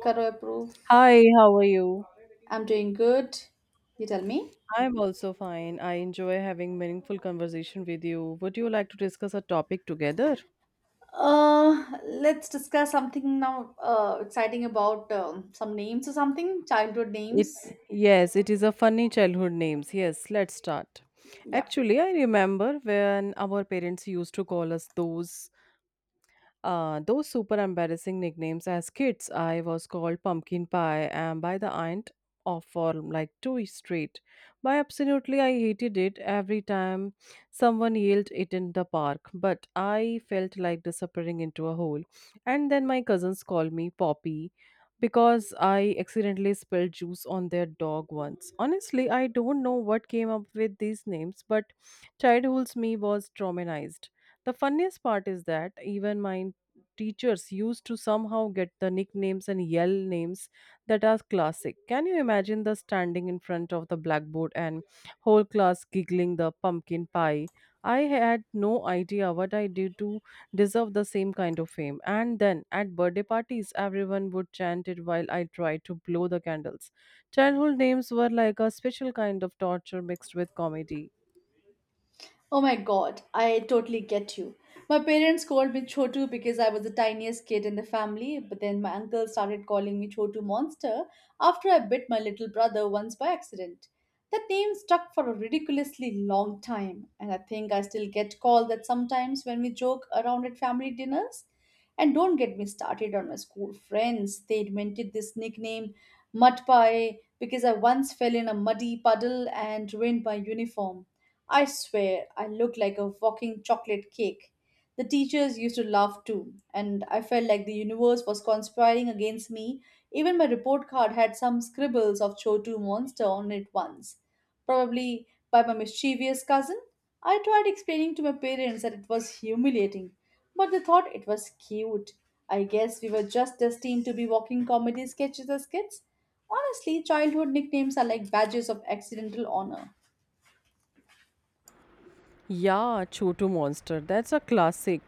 Career proof. Hi, how are you? I'm doing good. You tell me. I'm also fine. I enjoy having meaningful conversation with you. Would you like to discuss a topic together? Let's discuss something now exciting about some names or something, childhood It names. yes, it is a funny childhood names. Yes, let's start. Yeah. Actually, I remember when our parents used to call us those those super embarrassing nicknames as kids. I was called Pumpkin Pie and by the aunt of for like 2 years straight. By absolutely, I hated it every time someone yelled it in the park, but I felt like disappearing into a hole. And then my cousins called me Poppy because I accidentally spilled juice on their dog once. Honestly, I don't know what came up with these names, but childhood's me was traumatized. The funniest part is that even my teachers used to somehow get the nicknames and yell names that are classic. Can you imagine the standing in front of the blackboard and whole class giggling the pumpkin pie? I had no idea what I did to deserve the same kind of fame. And then at birthday parties, everyone would chant it while I tried to blow the candles. Childhood names were like a special kind of torture mixed with comedy. Oh my god, I totally get you. My parents called me Chotu because I was the tiniest kid in the family, but then my uncle started calling me Chotu Monster after I bit my little brother once by accident. That name stuck for a ridiculously long time, and I think I still get called that sometimes when we joke around at family dinners. And don't get me started on my school friends. They invented this nickname Mud Pie because I once fell in a muddy puddle and ruined my uniform. I swear, I looked like a walking chocolate cake. The teachers used to laugh too, and I felt like the universe was conspiring against me. Even my report card had some scribbles of Chotu monster on it once, probably by my mischievous cousin. I tried explaining to my parents that it was humiliating, but they thought it was cute. I guess we were just destined to be walking comedy sketches as kids. Honestly, childhood nicknames are like badges of accidental honor. Yeah, Chotu Monster. That's a classic.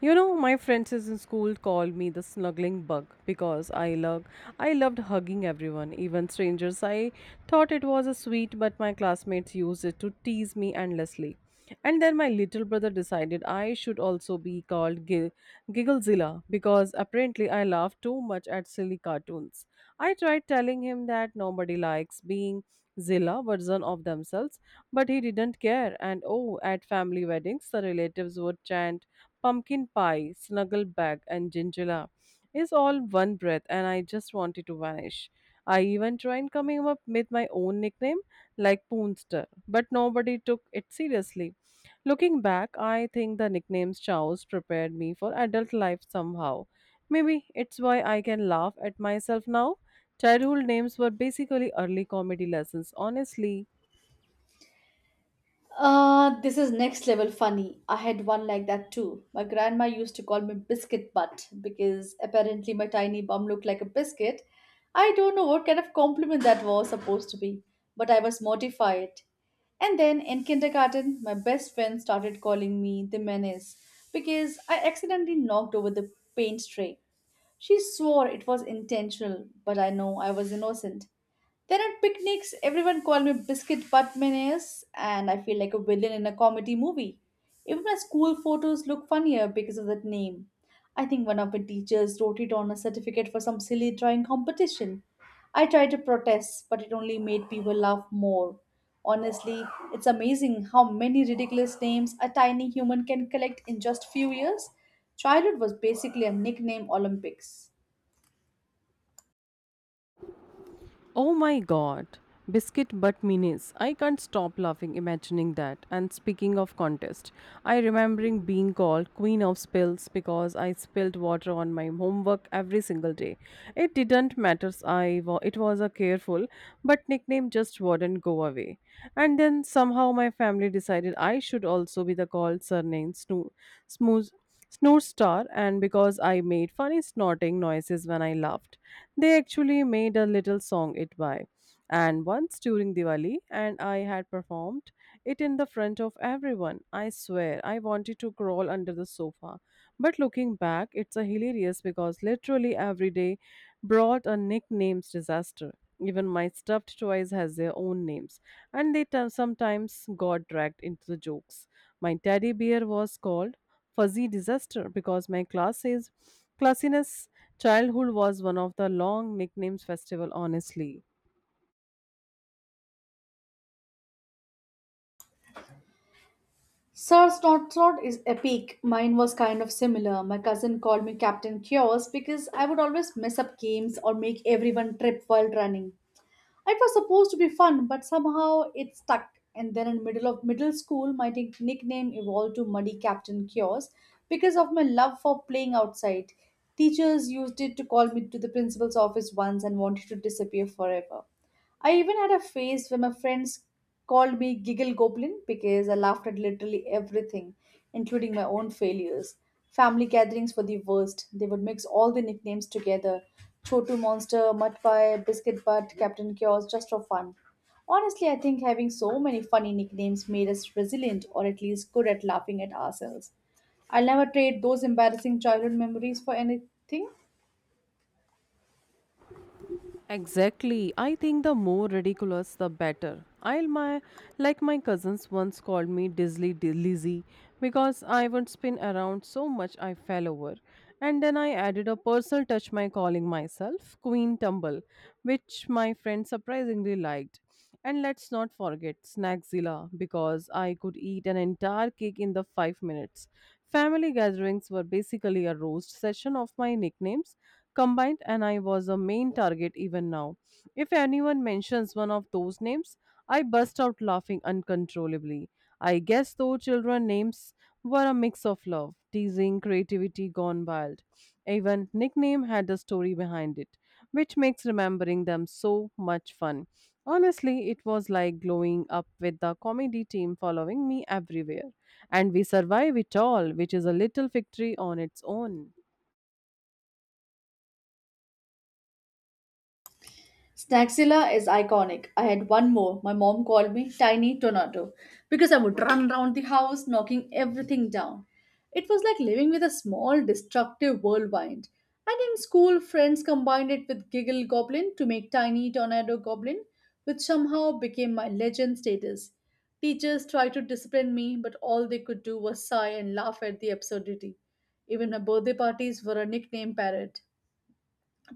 You know, my friends is in school called me the snuggling bug because I loved hugging everyone, even strangers. I thought it was a sweet, but my classmates used it to tease me endlessly. And then my little brother decided I should also be called Gigglezilla because apparently I laugh too much at silly cartoons. I tried telling him that nobody likes being Zilla version of themselves, but he didn't care, and oh, at family weddings, the relatives would chant pumpkin pie, snuggle bag, and gingilla. It's all one breath, and I just wanted to vanish. I even tried coming up with my own nickname, like Poonster, but nobody took it seriously. Looking back, I think the nicknames Chows prepared me for adult life somehow. Maybe it's why I can laugh at myself now. Childhood names were basically early comedy lessons, honestly. This is next level funny. I had one like that too. My grandma used to call me biscuit butt because apparently my tiny bum looked like a biscuit. I don't know what kind of compliment that was supposed to be, but I was mortified. And then in kindergarten, my best friend started calling me the menace because I accidentally knocked over the paint tray. She swore it was intentional, but I know I was innocent. Then at picnics, everyone called me Biscuit Butt Menace, and I feel like a villain in a comedy movie. Even my school photos look funnier because of that name. I think one of my teachers wrote it on a certificate for some silly drawing competition. I tried to protest, but it only made people laugh more. Honestly, it's amazing how many ridiculous names a tiny human can collect in just few years. Childhood was basically a nickname Olympics. Oh my god. Biscuit butt minis. I can't stop laughing imagining that. And speaking of contest, I remembering being called queen of spills because I spilled water on my homework every single day. It didn't matter. It was a careful, but nickname just wouldn't go away. And then somehow my family decided I should also be the called surname Snoo smooth snort star and because I made funny snorting noises when I laughed. They actually made a little song it by. And once during Diwali and I had performed it in the front of everyone. I swear I wanted to crawl under the sofa. But looking back, it's a hilarious because literally every day brought a nicknames disaster. Even my stuffed toys has their own names, and sometimes got dragged into the jokes. My teddy bear was called Fuzzy Disaster because my class says classiness childhood was one of the long nicknames festival, honestly. Sir Snort is epic. Mine was kind of similar. My cousin called me Captain Chaos because I would always mess up games or make everyone trip while running. It was supposed to be fun, but somehow it stuck. And then in middle of middle school, my nickname evolved to Muddy Captain Chaos because of my love for playing outside. Teachers used it to call me to the principal's office once and wanted to disappear forever. I even had a phase where my friends called me Giggle Goblin because I laughed at literally everything, including my own failures. Family gatherings were the worst. They would mix all the nicknames together Chotu Monster, Mud Pie, Biscuit Butt, Captain Chaos, just for fun. Honestly, I think having so many funny nicknames made us resilient or at least good at laughing at ourselves. I'll never trade those embarrassing childhood memories for anything. Exactly. I think the more ridiculous, the better. I'll my like my cousins once called me Lizzy because I would spin around so much I fell over, and then I added a personal touch by calling myself Queen Tumble, which my friend surprisingly liked. And let's not forget Snackzilla because I could eat an entire cake in the 5 minutes. Family gatherings were basically a roast session of my nicknames combined, and I was a main target even now. If anyone mentions one of those names, I burst out laughing uncontrollably. I guess those children names were a mix of love, teasing, creativity gone wild. Even nickname had a story behind it, which makes remembering them so much fun. Honestly, it was like glowing up with the comedy team following me everywhere. And we survive it all, which is a little victory on its own. Snaxilla is iconic. I had one more. My mom called me Tiny Tornado because I would run around the house knocking everything down. It was like living with a small destructive whirlwind. And in school, friends combined it with Giggle Goblin to make Tiny Tornado Goblin, which somehow became my legend status. Teachers tried to discipline me, but all they could do was sigh and laugh at the absurdity. Even her birthday parties were a nickname parrot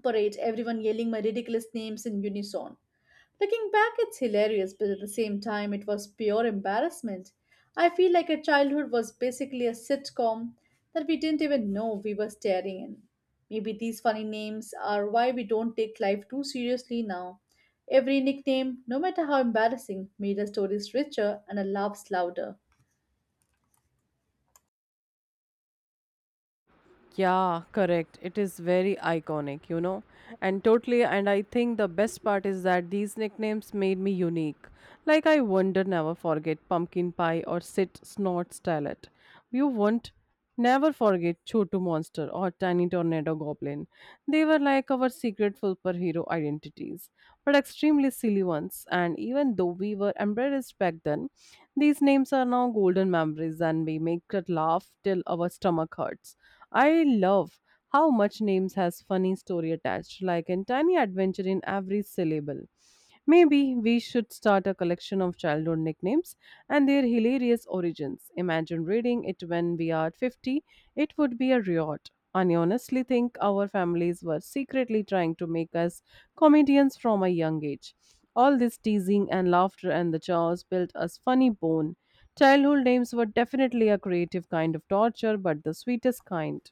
parade, everyone yelling my ridiculous names in unison. Looking back, it's hilarious, but at the same time, it was pure embarrassment. I feel like our childhood was basically a sitcom that we didn't even know we were staring in. Maybe these funny names are why we don't take life too seriously now. Every nickname, no matter how embarrassing, made our stories richer and our laughs louder. Yeah, correct. It is very iconic, you know. And totally, and I think the best part is that these nicknames made me unique. Like, I wonder never forget pumpkin pie or sit snort stylet. You won't never forget Chotu monster or tiny tornado goblin. They were like our secret superhero identities, but extremely silly ones. And even though we were embarrassed back then, these names are now golden memories and we make it laugh till our stomach hurts. I love how much names has funny story attached, like a tiny adventure in every syllable. Maybe we should start a collection of childhood nicknames and their hilarious origins. Imagine reading it when we are 50. It would be a riot. I honestly think our families were secretly trying to make us comedians from a young age. All this teasing and laughter and the jaws built us funny bone. Childhood names were definitely a creative kind of torture, but the sweetest kind.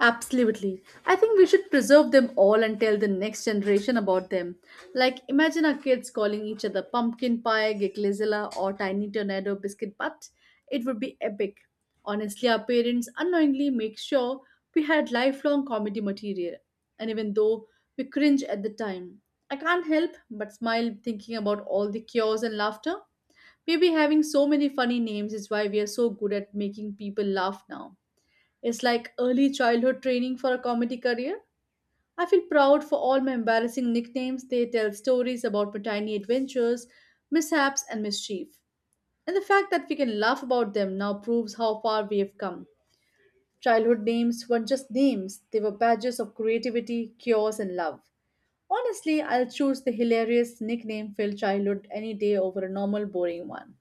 Absolutely. I think we should preserve them all and tell the next generation about them. Like, imagine our kids calling each other pumpkin pie, gigglezilla, or tiny tornado biscuit butt. It would be epic. Honestly, our parents unknowingly make sure we had lifelong comedy material. And even though we cringe at the time, I can't help but smile thinking about all the cures and laughter. Maybe having so many funny names is why we are so good at making people laugh now. It's like early childhood training for a comedy career. I feel proud for all my embarrassing nicknames. They tell stories about my tiny adventures, mishaps, and mischief. And the fact that we can laugh about them now proves how far we have come. Childhood names weren't just names, they were badges of creativity, cures, and love. Honestly, I'll choose the hilarious nickname filled childhood any day over a normal, boring one.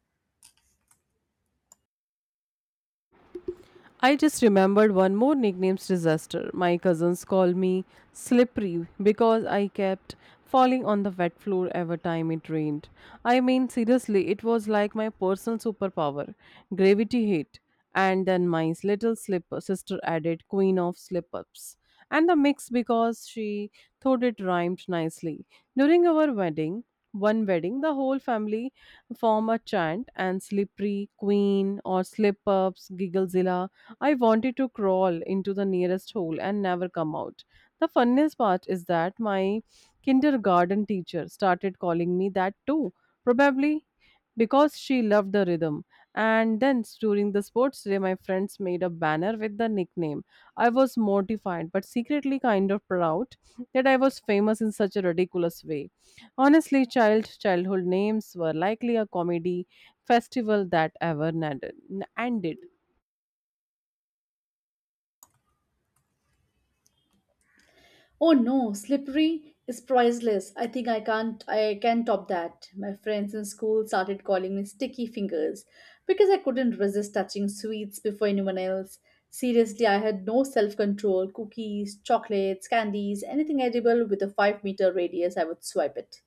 I just remembered one more nickname's disaster. My cousins called me slippery because I kept falling on the wet floor every time it rained. I mean, seriously, it was like my personal superpower gravity hit. And then my little slip sister added queen of slip ups. And the mix because she thought it rhymed nicely. During our wedding, one wedding, the whole family form a chant and slippery queen or slip ups, gigglezilla. I wanted to crawl into the nearest hole and never come out. The funniest part is that my kindergarten teacher started calling me that too, probably because she loved the rhythm. And then during the sports day, my friends made a banner with the nickname. I was mortified, but secretly kind of proud that I was famous in such a ridiculous way. Honestly, childhood names were likely a comedy festival that ever ended. Oh no, slippery is priceless. I think I can't I can top that. My friends in school started calling me sticky fingers because I couldn't resist touching sweets before anyone else. Seriously, I had no self-control. Cookies, chocolates, candies, anything edible with a 5-meter radius, I would swipe it.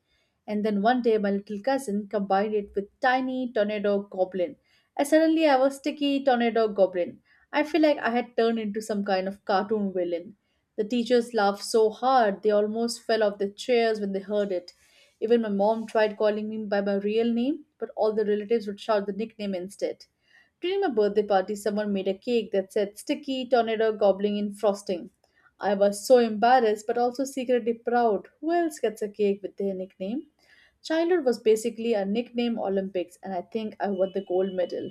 And then one day my little cousin combined it with tiny tornado goblin. And suddenly I was sticky tornado goblin. I feel like I had turned into some kind of cartoon villain. The teachers laughed so hard they almost fell off their chairs when they heard it. Even my mom tried calling me by my real name, but all the relatives would shout the nickname instead. During my birthday party, someone made a cake that said sticky tornado gobbling in frosting. I was so embarrassed but also secretly proud. Who else gets a cake with their nickname? Childhood was basically a nickname Olympics, and I think I won the gold medal.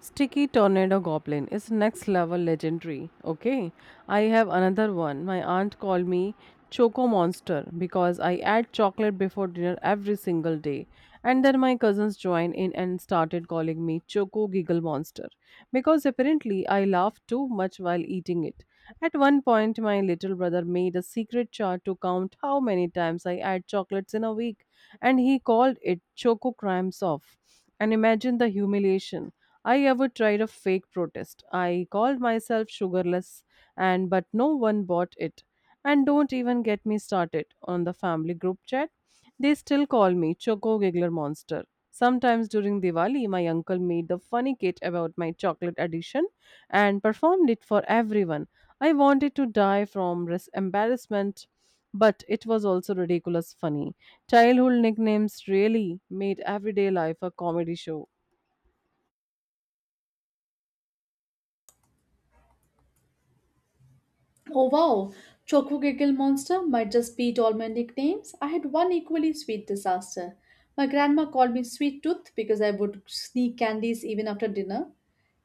Sticky Tornado Goblin is next level legendary. Okay, I have another one. My aunt called me Choco Monster because I add chocolate before dinner every single day. And then my cousins joined in and started calling me Choco Giggle Monster because apparently I laugh too much while eating it. At one point, my little brother made a secret chart to count how many times I add chocolates in a week, and he called it Choco Crimes Off. And imagine the humiliation. I ever tried a fake protest. I called myself sugarless and but no one bought it. And don't even get me started on the family group chat. They still call me Choco Giggler Monster. Sometimes during Diwali, my uncle made the funny kit about my chocolate addiction and performed it for everyone. I wanted to die from embarrassment, but it was also ridiculous funny. Childhood nicknames really made everyday life a comedy show. Oh wow, Choco Giggle Monster might just beat all my nicknames. I had one equally sweet disaster. My grandma called me Sweet Tooth because I would sneak candies even after dinner.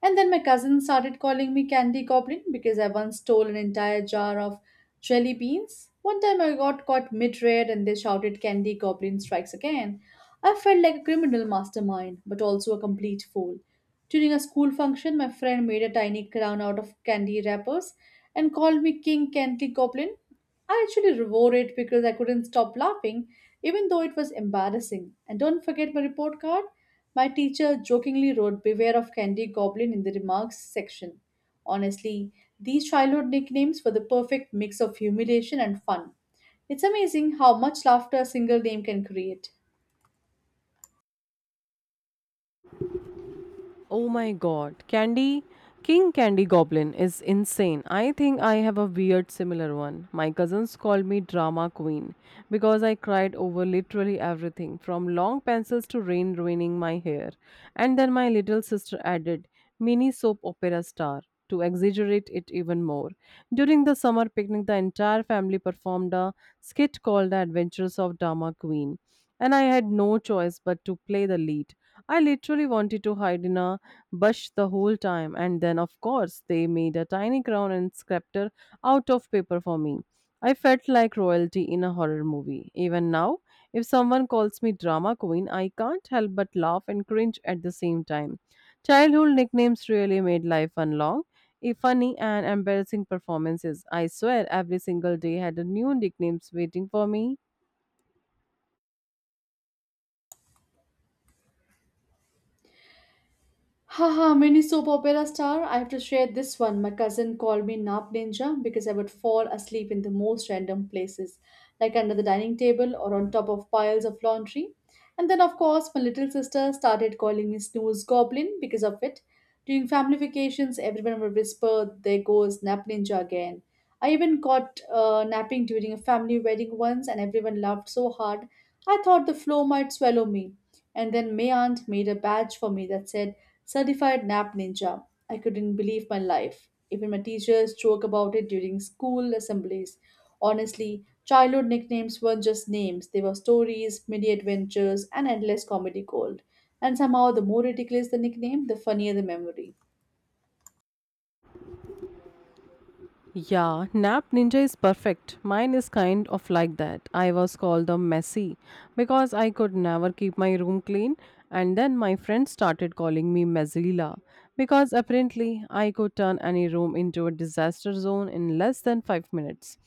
And then my cousin started calling me Candy Goblin because I once stole an entire jar of jelly beans. One time I got caught mid raid and they shouted, Candy Goblin strikes again. I felt like a criminal mastermind, but also a complete fool. During a school function, my friend made a tiny crown out of candy wrappers and called me King Candy Goblin. I actually wore it because I couldn't stop laughing, even though it was embarrassing. And don't forget my report card. My teacher jokingly wrote Beware of Candy Goblin in the remarks section. Honestly, these childhood nicknames were the perfect mix of humiliation and fun. It's amazing how much laughter a single name can create. Oh my god, Candy King Candy Goblin is insane. I think I have a weird similar one. My cousins called me drama queen because I cried over literally everything from long pencils to rain ruining my hair. And then my little sister added mini soap opera star to exaggerate it even more. During the summer picnic, the entire family performed a skit called The Adventures of Drama Queen, and I had no choice but to play the lead. I literally wanted to hide in a bush the whole time, and then, of course, they made a tiny crown and scepter out of paper for me. I felt like royalty in a horror movie. Even now, if someone calls me drama queen, I can't help but laugh and cringe at the same time. Childhood nicknames really made life fun long, funny and embarrassing performances. I swear every single day had a new nicknames waiting for me. Haha, mini soap opera star. I have to share this one. My cousin called me Nap Ninja because I would fall asleep in the most random places, like under the dining table or on top of piles of laundry. And then, of course, my little sister started calling me Snooze Goblin because of it. During family vacations, everyone would whisper, There goes Nap Ninja again. I even got napping during a family wedding once, and everyone laughed so hard I thought the floor might swallow me. And then my aunt made a badge for me that said, Certified nap ninja. I couldn't believe my life. Even my teachers joke about it during school assemblies. Honestly, childhood nicknames weren't just names, they were stories, mini adventures, and endless comedy gold. And somehow, the more ridiculous the nickname, the funnier the memory. Yeah, Nap Ninja is perfect. Mine is kind of like that. I was called the messy because I could never keep my room clean, and then my friends started calling me Messila because apparently I could turn any room into a disaster zone in less than 5 minutes.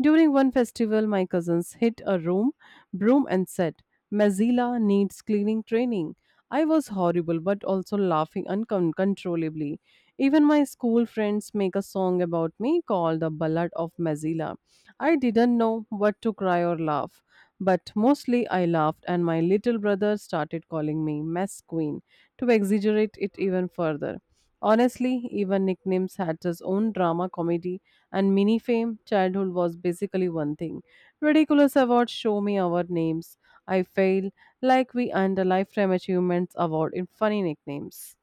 During one festival, my cousins hit a room broom and said, Messila needs cleaning training. I was horrible but also laughing uncontrollably. Even my school friends make a song about me called the Ballad of Mazila. I didn't know what to cry or laugh, but mostly I laughed, and my little brother started calling me Mess Queen to exaggerate it even further. Honestly, even nicknames had its own drama comedy and mini fame. Childhood was basically one thing. Ridiculous awards show me our names. I fail like we earned a lifetime achievements award in funny nicknames.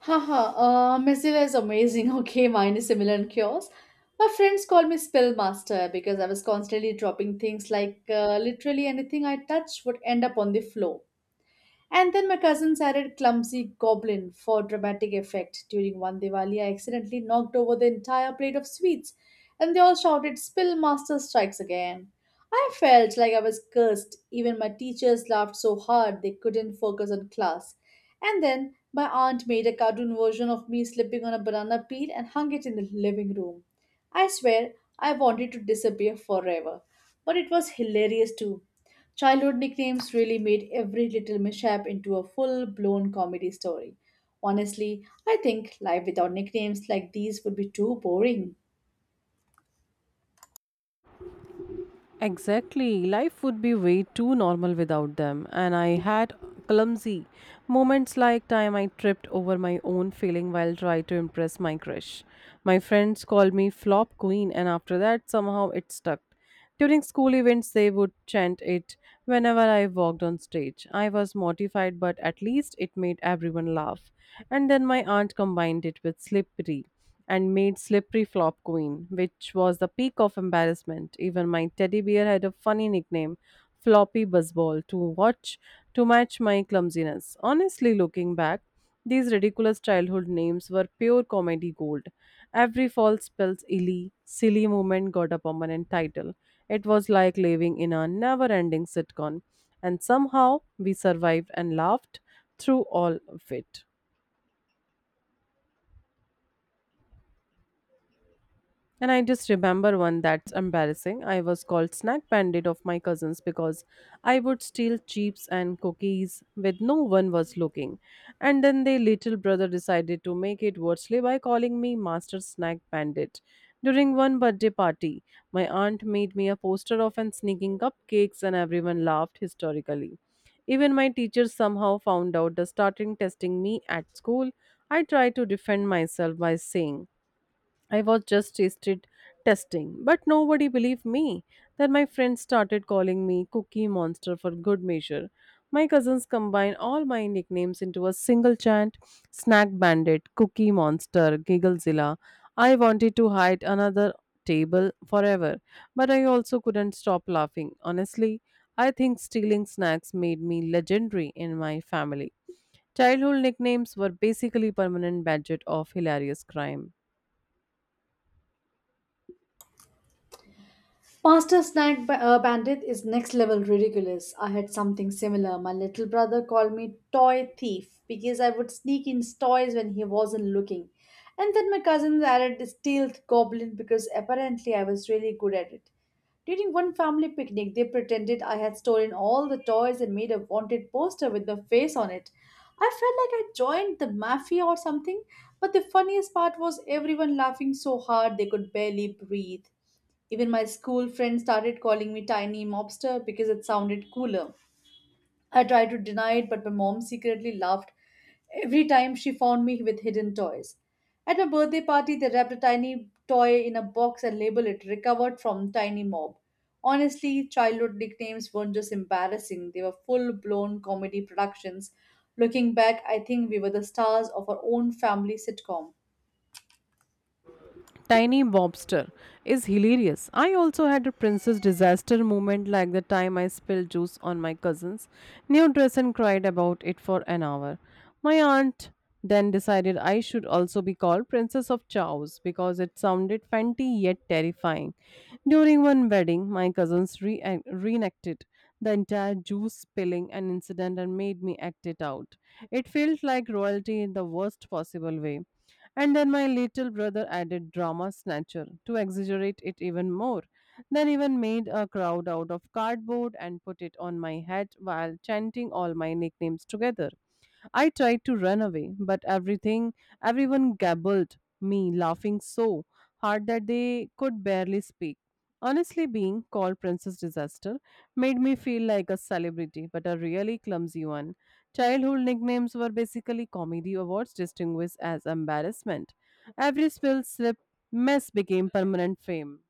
Haha, Mozilla is amazing. Okay, mine is similar in chaos. My friends called me Spill Master because I was constantly dropping things like literally anything I touch would end up on the floor. And then my cousins added clumsy goblin for dramatic effect. During one Diwali, I accidentally knocked over the entire plate of sweets, and they all shouted, Spill Master Strikes Again. I felt like I was cursed. Even my teachers laughed so hard they couldn't focus on class. And then my aunt made a cartoon version of me slipping on a banana peel and hung it in the living room. I swear I wanted to disappear forever. But it was hilarious too. Childhood nicknames really made every little mishap into a full blown comedy story. Honestly, I think life without nicknames like these would be too boring. Exactly. Life would be way too normal without them. And I had clumsy moments like time I tripped over my own feeling while trying to impress my crush. My friends called me flop queen and after that somehow it stuck. During school events they would chant it whenever I walked on stage. I was mortified but at least it made everyone laugh. And then my aunt combined it with slippery and made Slippery Flop Queen, which was the peak of embarrassment. Even my teddy bear had a funny nickname, Floppy Buzzball, to match my clumsiness. Honestly, looking back, these ridiculous childhood names were pure comedy gold. Every silly moment got a permanent title. It was like living in a never ending sitcom. And somehow we survived and laughed through all of it. And I just remember one that's embarrassing. I was called snack bandit of my cousins because I would steal chips and cookies when no one was looking. And then their little brother decided to make it worse by calling me master snack bandit. During one birthday party, my aunt made me a poster of and sneaking cupcakes and everyone laughed hysterically. Even my teacher somehow found out the starting testing me at school. I tried to defend myself by saying I was just tasted testing, but nobody believed me. Then my friends started calling me Cookie Monster for good measure. My cousins combined all my nicknames into a single chant Snack Bandit, Cookie Monster, Gigglezilla. I wanted to hide another table forever, but I also couldn't stop laughing. Honestly, I think stealing snacks made me legendary in my family. Childhood nicknames were basically permanent badges of hilarious crime. Master Bandit is next level ridiculous. I had something similar. My little brother called me toy thief because I would sneak in toys when he wasn't looking. And then my cousins added stealth goblin because apparently I was really good at it. During one family picnic, they pretended I had stolen all the toys and made a wanted poster with my face on it. I felt like I joined the mafia or something, but the funniest part was everyone laughing so hard they could barely breathe. Even my school friends started calling me tiny mobster because it sounded cooler. I tried to deny it, but my mom secretly laughed every time she found me with hidden toys. At my birthday party, they wrapped a tiny toy in a box and labeled it recovered from tiny mob. Honestly, childhood nicknames weren't just embarrassing, they were full blown comedy productions. Looking back, I think we were the stars of our own family sitcom. Tiny Bobster is hilarious. I also had a princess disaster moment like the time I spilled juice on my cousin's new dress and cried about it for an hour. My aunt then decided I should also be called Princess of Chaos because it sounded fancy yet terrifying. During one wedding, my cousins reenacted the entire juice spilling an incident and made me act it out. It felt like royalty in the worst possible way. And then my little brother added drama snatcher to exaggerate it even more, then even made a crowd out of cardboard and put it on my head while chanting all my nicknames together. I tried to run away, but everything everyone gabbled me, laughing so hard that they could barely speak. Honestly, being called Princess Disaster made me feel like a celebrity, but a really clumsy one. Childhood nicknames were basically comedy awards distinguished as embarrassment. Every spill, slip, mess became permanent fame.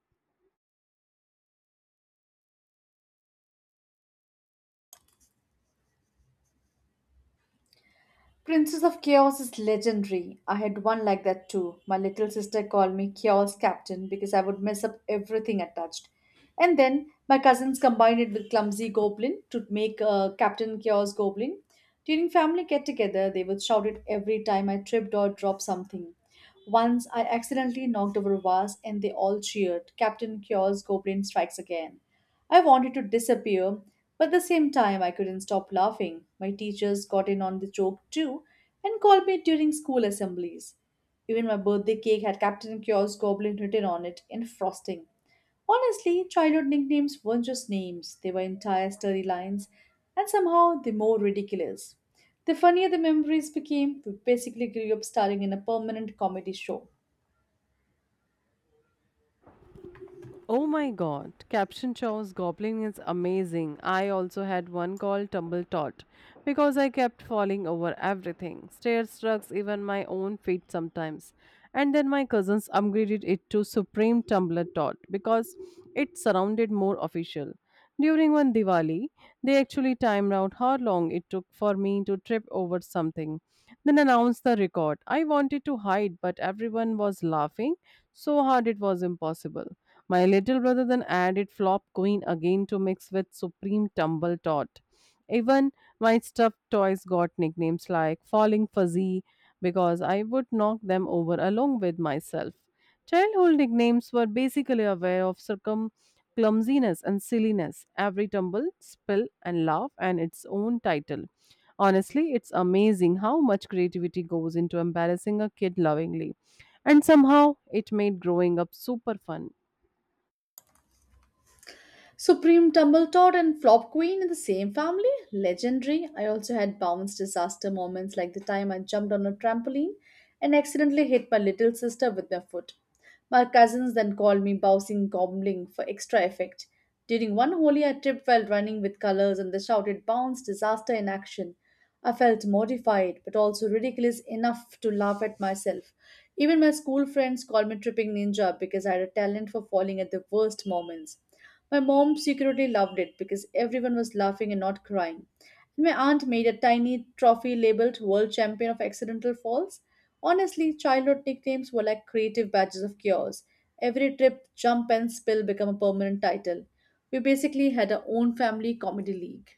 Princess of Chaos is legendary. I had one like that too. My little sister called me Chaos Captain because I would mess up everything I touched. And then my cousins combined it with Clumsy Goblin to make Captain Chaos Goblin. During family get together, they would shout it every time I tripped or dropped something. Once I accidentally knocked over a vase and they all cheered. Captain Cure's goblin strikes again. I wanted to disappear, but at the same time I couldn't stop laughing. My teachers got in on the joke too and called me during school assemblies. Even my birthday cake had Captain Cure's goblin written on it in frosting. Honestly, childhood nicknames weren't just names, they were entire storylines, and somehow the more ridiculous. The funnier the memories became, we basically grew up starring in a permanent comedy show. Oh my god, Caption Show's goblin is amazing. I also had one called Tumble Tot because I kept falling over everything. Stairs struck even my own feet sometimes. And then my cousins upgraded it to Supreme Tumbler Tot because it sounded more official. During one Diwali, they actually timed out how long it took for me to trip over something, then announced the record. I wanted to hide, but everyone was laughing so hard it was impossible. My little brother then added Flop Queen again to mix with Supreme Tumble Tot. Even my stuffed toys got nicknames like Falling Fuzzy because I would knock them over along with myself. Childhood nicknames were basically aware of circum clumsiness and silliness, every tumble, spill, and laugh, and its own title. Honestly, it's amazing how much creativity goes into embarrassing a kid lovingly. And somehow, it made growing up super fun. Supreme Tumbletot and Flop Queen in the same family? Legendary. I also had bounce disaster moments like the time I jumped on a trampoline and accidentally hit my little sister with my foot. My cousins then called me bouncing goblin for extra effect. During one holy, I tripped while running with colors and they shouted bounce disaster in action. I felt mortified but also ridiculous enough to laugh at myself. Even my school friends called me tripping ninja because I had a talent for falling at the worst moments. My mom secretly loved it because everyone was laughing and not crying. My aunt made a tiny trophy labeled World Champion of Accidental Falls. Honestly, childhood nicknames were like creative badges of chaos. Every trip, jump, and spill become a permanent title. We basically had our own family comedy league.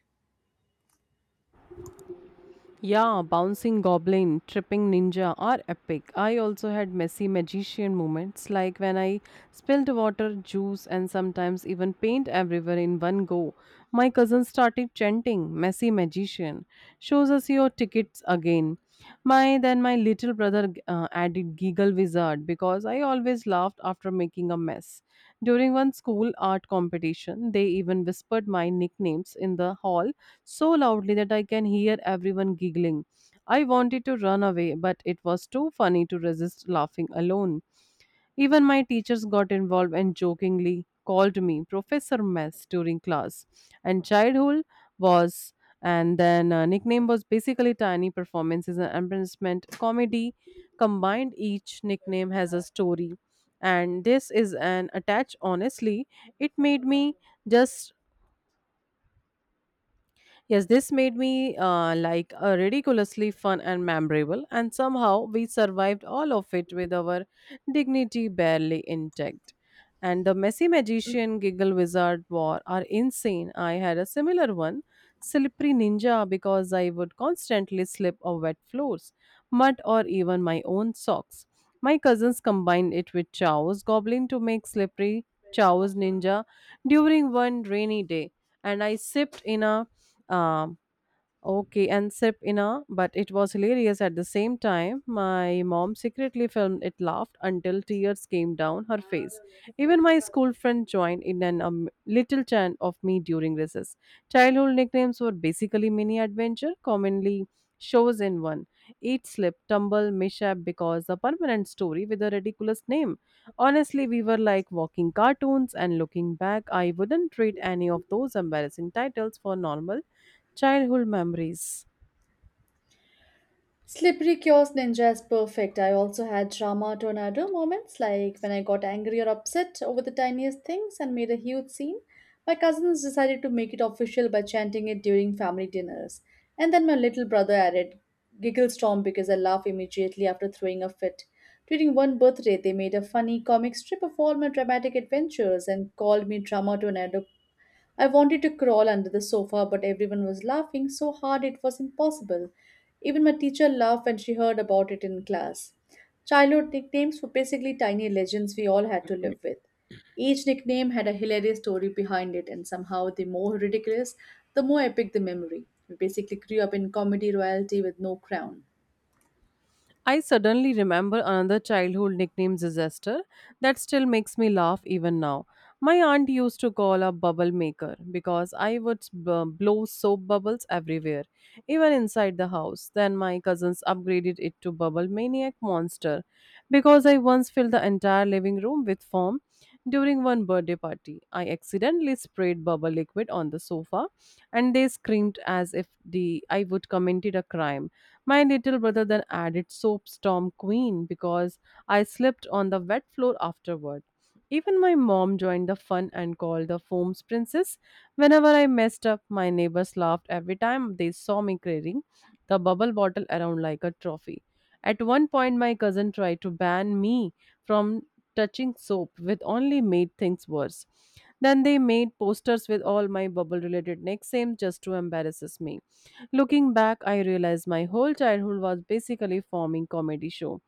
Yeah, bouncing goblin, tripping ninja are epic. I also had messy magician moments like when I spilled water, juice, and sometimes even paint everywhere in one go. My cousin started chanting, Messy magician, shows us your tickets again. My then my little brother added giggle wizard because I always laughed after making a mess. During one school art competition, they even whispered my nicknames in the hall so loudly that I can hear everyone giggling. I wanted to run away, but it was too funny to resist laughing alone. Even my teachers got involved and jokingly called me Professor Mess during class. And childhood was, and then nickname was basically tiny performances and embarrassment comedy combined. Each nickname has a story, and this is an attached. Honestly, it made me just Yes, this made me like ridiculously fun and memorable, and somehow we survived all of it with our dignity barely intact. And the messy magician giggle wizard war are insane. I had a similar one, slippery ninja, because I would constantly slip on wet floors, mud, or even my own socks. My cousins combined it with Chow's goblin to make slippery Chow's ninja during one rainy day and I sipped in a um, okay, and sip in a, but it was hilarious at the same time. My mom secretly filmed it, laughed until tears came down her face. Even my school friend joined in an little chant of me during recess. Childhood nicknames were basically mini adventure, commonly shows in one. Eat, slip, tumble, mishap because a permanent story with a ridiculous name. Honestly, we were like walking cartoons, and looking back, I wouldn't trade any of those embarrassing titles for normal childhood memories. Slippery Chaos Ninja is perfect. I also had drama tornado moments, like when I got angry or upset over the tiniest things and made a huge scene. My cousins decided to make it official by chanting it during family dinners. And then my little brother added Giggle Storm because I laugh immediately after throwing a fit. During one birthday, they made a funny comic strip of all my dramatic adventures and called me Drama Tornado. I wanted to crawl under the sofa, but everyone was laughing so hard it was impossible. Even my teacher laughed when she heard about it in class. Childhood nicknames were basically tiny legends we all had to live with. Each nickname had a hilarious story behind it, and somehow the more ridiculous, the more epic the memory. We basically grew up in comedy royalty with no crown. I suddenly remember another childhood nickname, Disaster, that still makes me laugh even now. My aunt used to call a bubble maker because I would blow soap bubbles everywhere, even inside the house. Then my cousins upgraded it to Bubble Maniac Monster because I once filled the entire living room with foam during one birthday party. I accidentally sprayed bubble liquid on the sofa and they screamed as if the I would committed a crime. My little brother then added soap storm queen because I slipped on the wet floor afterward. Even my mom joined the fun and called the foams princess. Whenever I messed up, my neighbors laughed every time they saw me carrying the bubble bottle around like a trophy. At one point, my cousin tried to ban me from touching soap, which only made things worse. Then they made posters with all my bubble related nicknames just to embarrass me. Looking back, I realized my whole childhood was basically forming comedy show.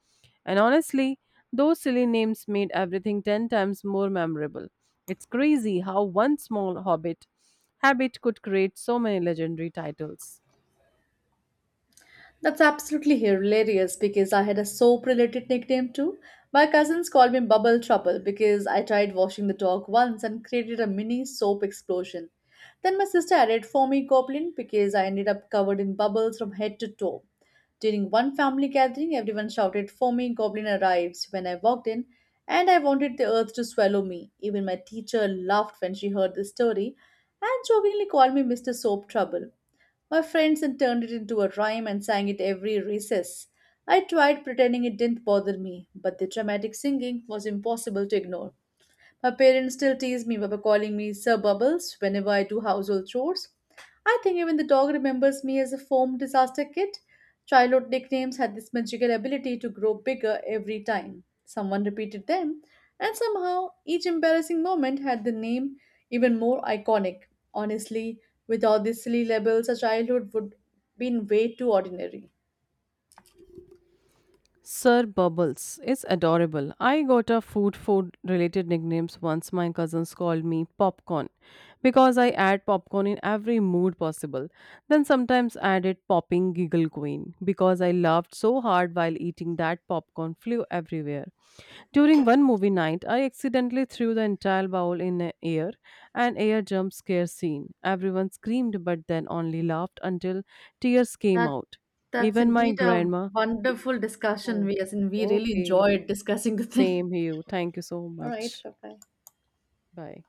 And honestly, those silly names made everything 10 times more memorable. It's crazy how one small hobbit habit could create so many legendary titles. That's absolutely hilarious because I had a soap related nickname too. My cousins called me Bubble Trouble because I tried washing the dog once and created a mini soap explosion. Then my sister added Foamy Goblin because I ended up covered in bubbles from head to toe. During one family gathering, everyone shouted Foamy Goblin arrives when I walked in, and I wanted the earth to swallow me. Even my teacher laughed when she heard this story and jokingly called me Mr. Soap Trouble. My friends then turned it into a rhyme and sang it every recess. I tried pretending it didn't bother me, but the dramatic singing was impossible to ignore. My parents still tease me by calling me Sir Bubbles whenever I do household chores. I think even the dog remembers me as a foam disaster kit. Childhood nicknames had this magical ability to grow bigger every time. Someone repeated them, and somehow each embarrassing moment had the name even more iconic. Honestly, without these silly labels, a childhood would been way too ordinary. Sir Bubbles is adorable. I got a food related nicknames once my cousins called me popcorn because I add popcorn in every mood possible. Then sometimes added popping giggle queen because I laughed so hard while eating that popcorn flew everywhere. During one movie night, I accidentally threw the entire bowl in the air an air jump scare scene. Everyone screamed but then only laughed until tears came That out. that's Even my indeed a grandma wonderful discussion. Oh, We as in we really okay. enjoyed discussing the thing. Same here. Thank you so All right. much. Bye bye. Bye.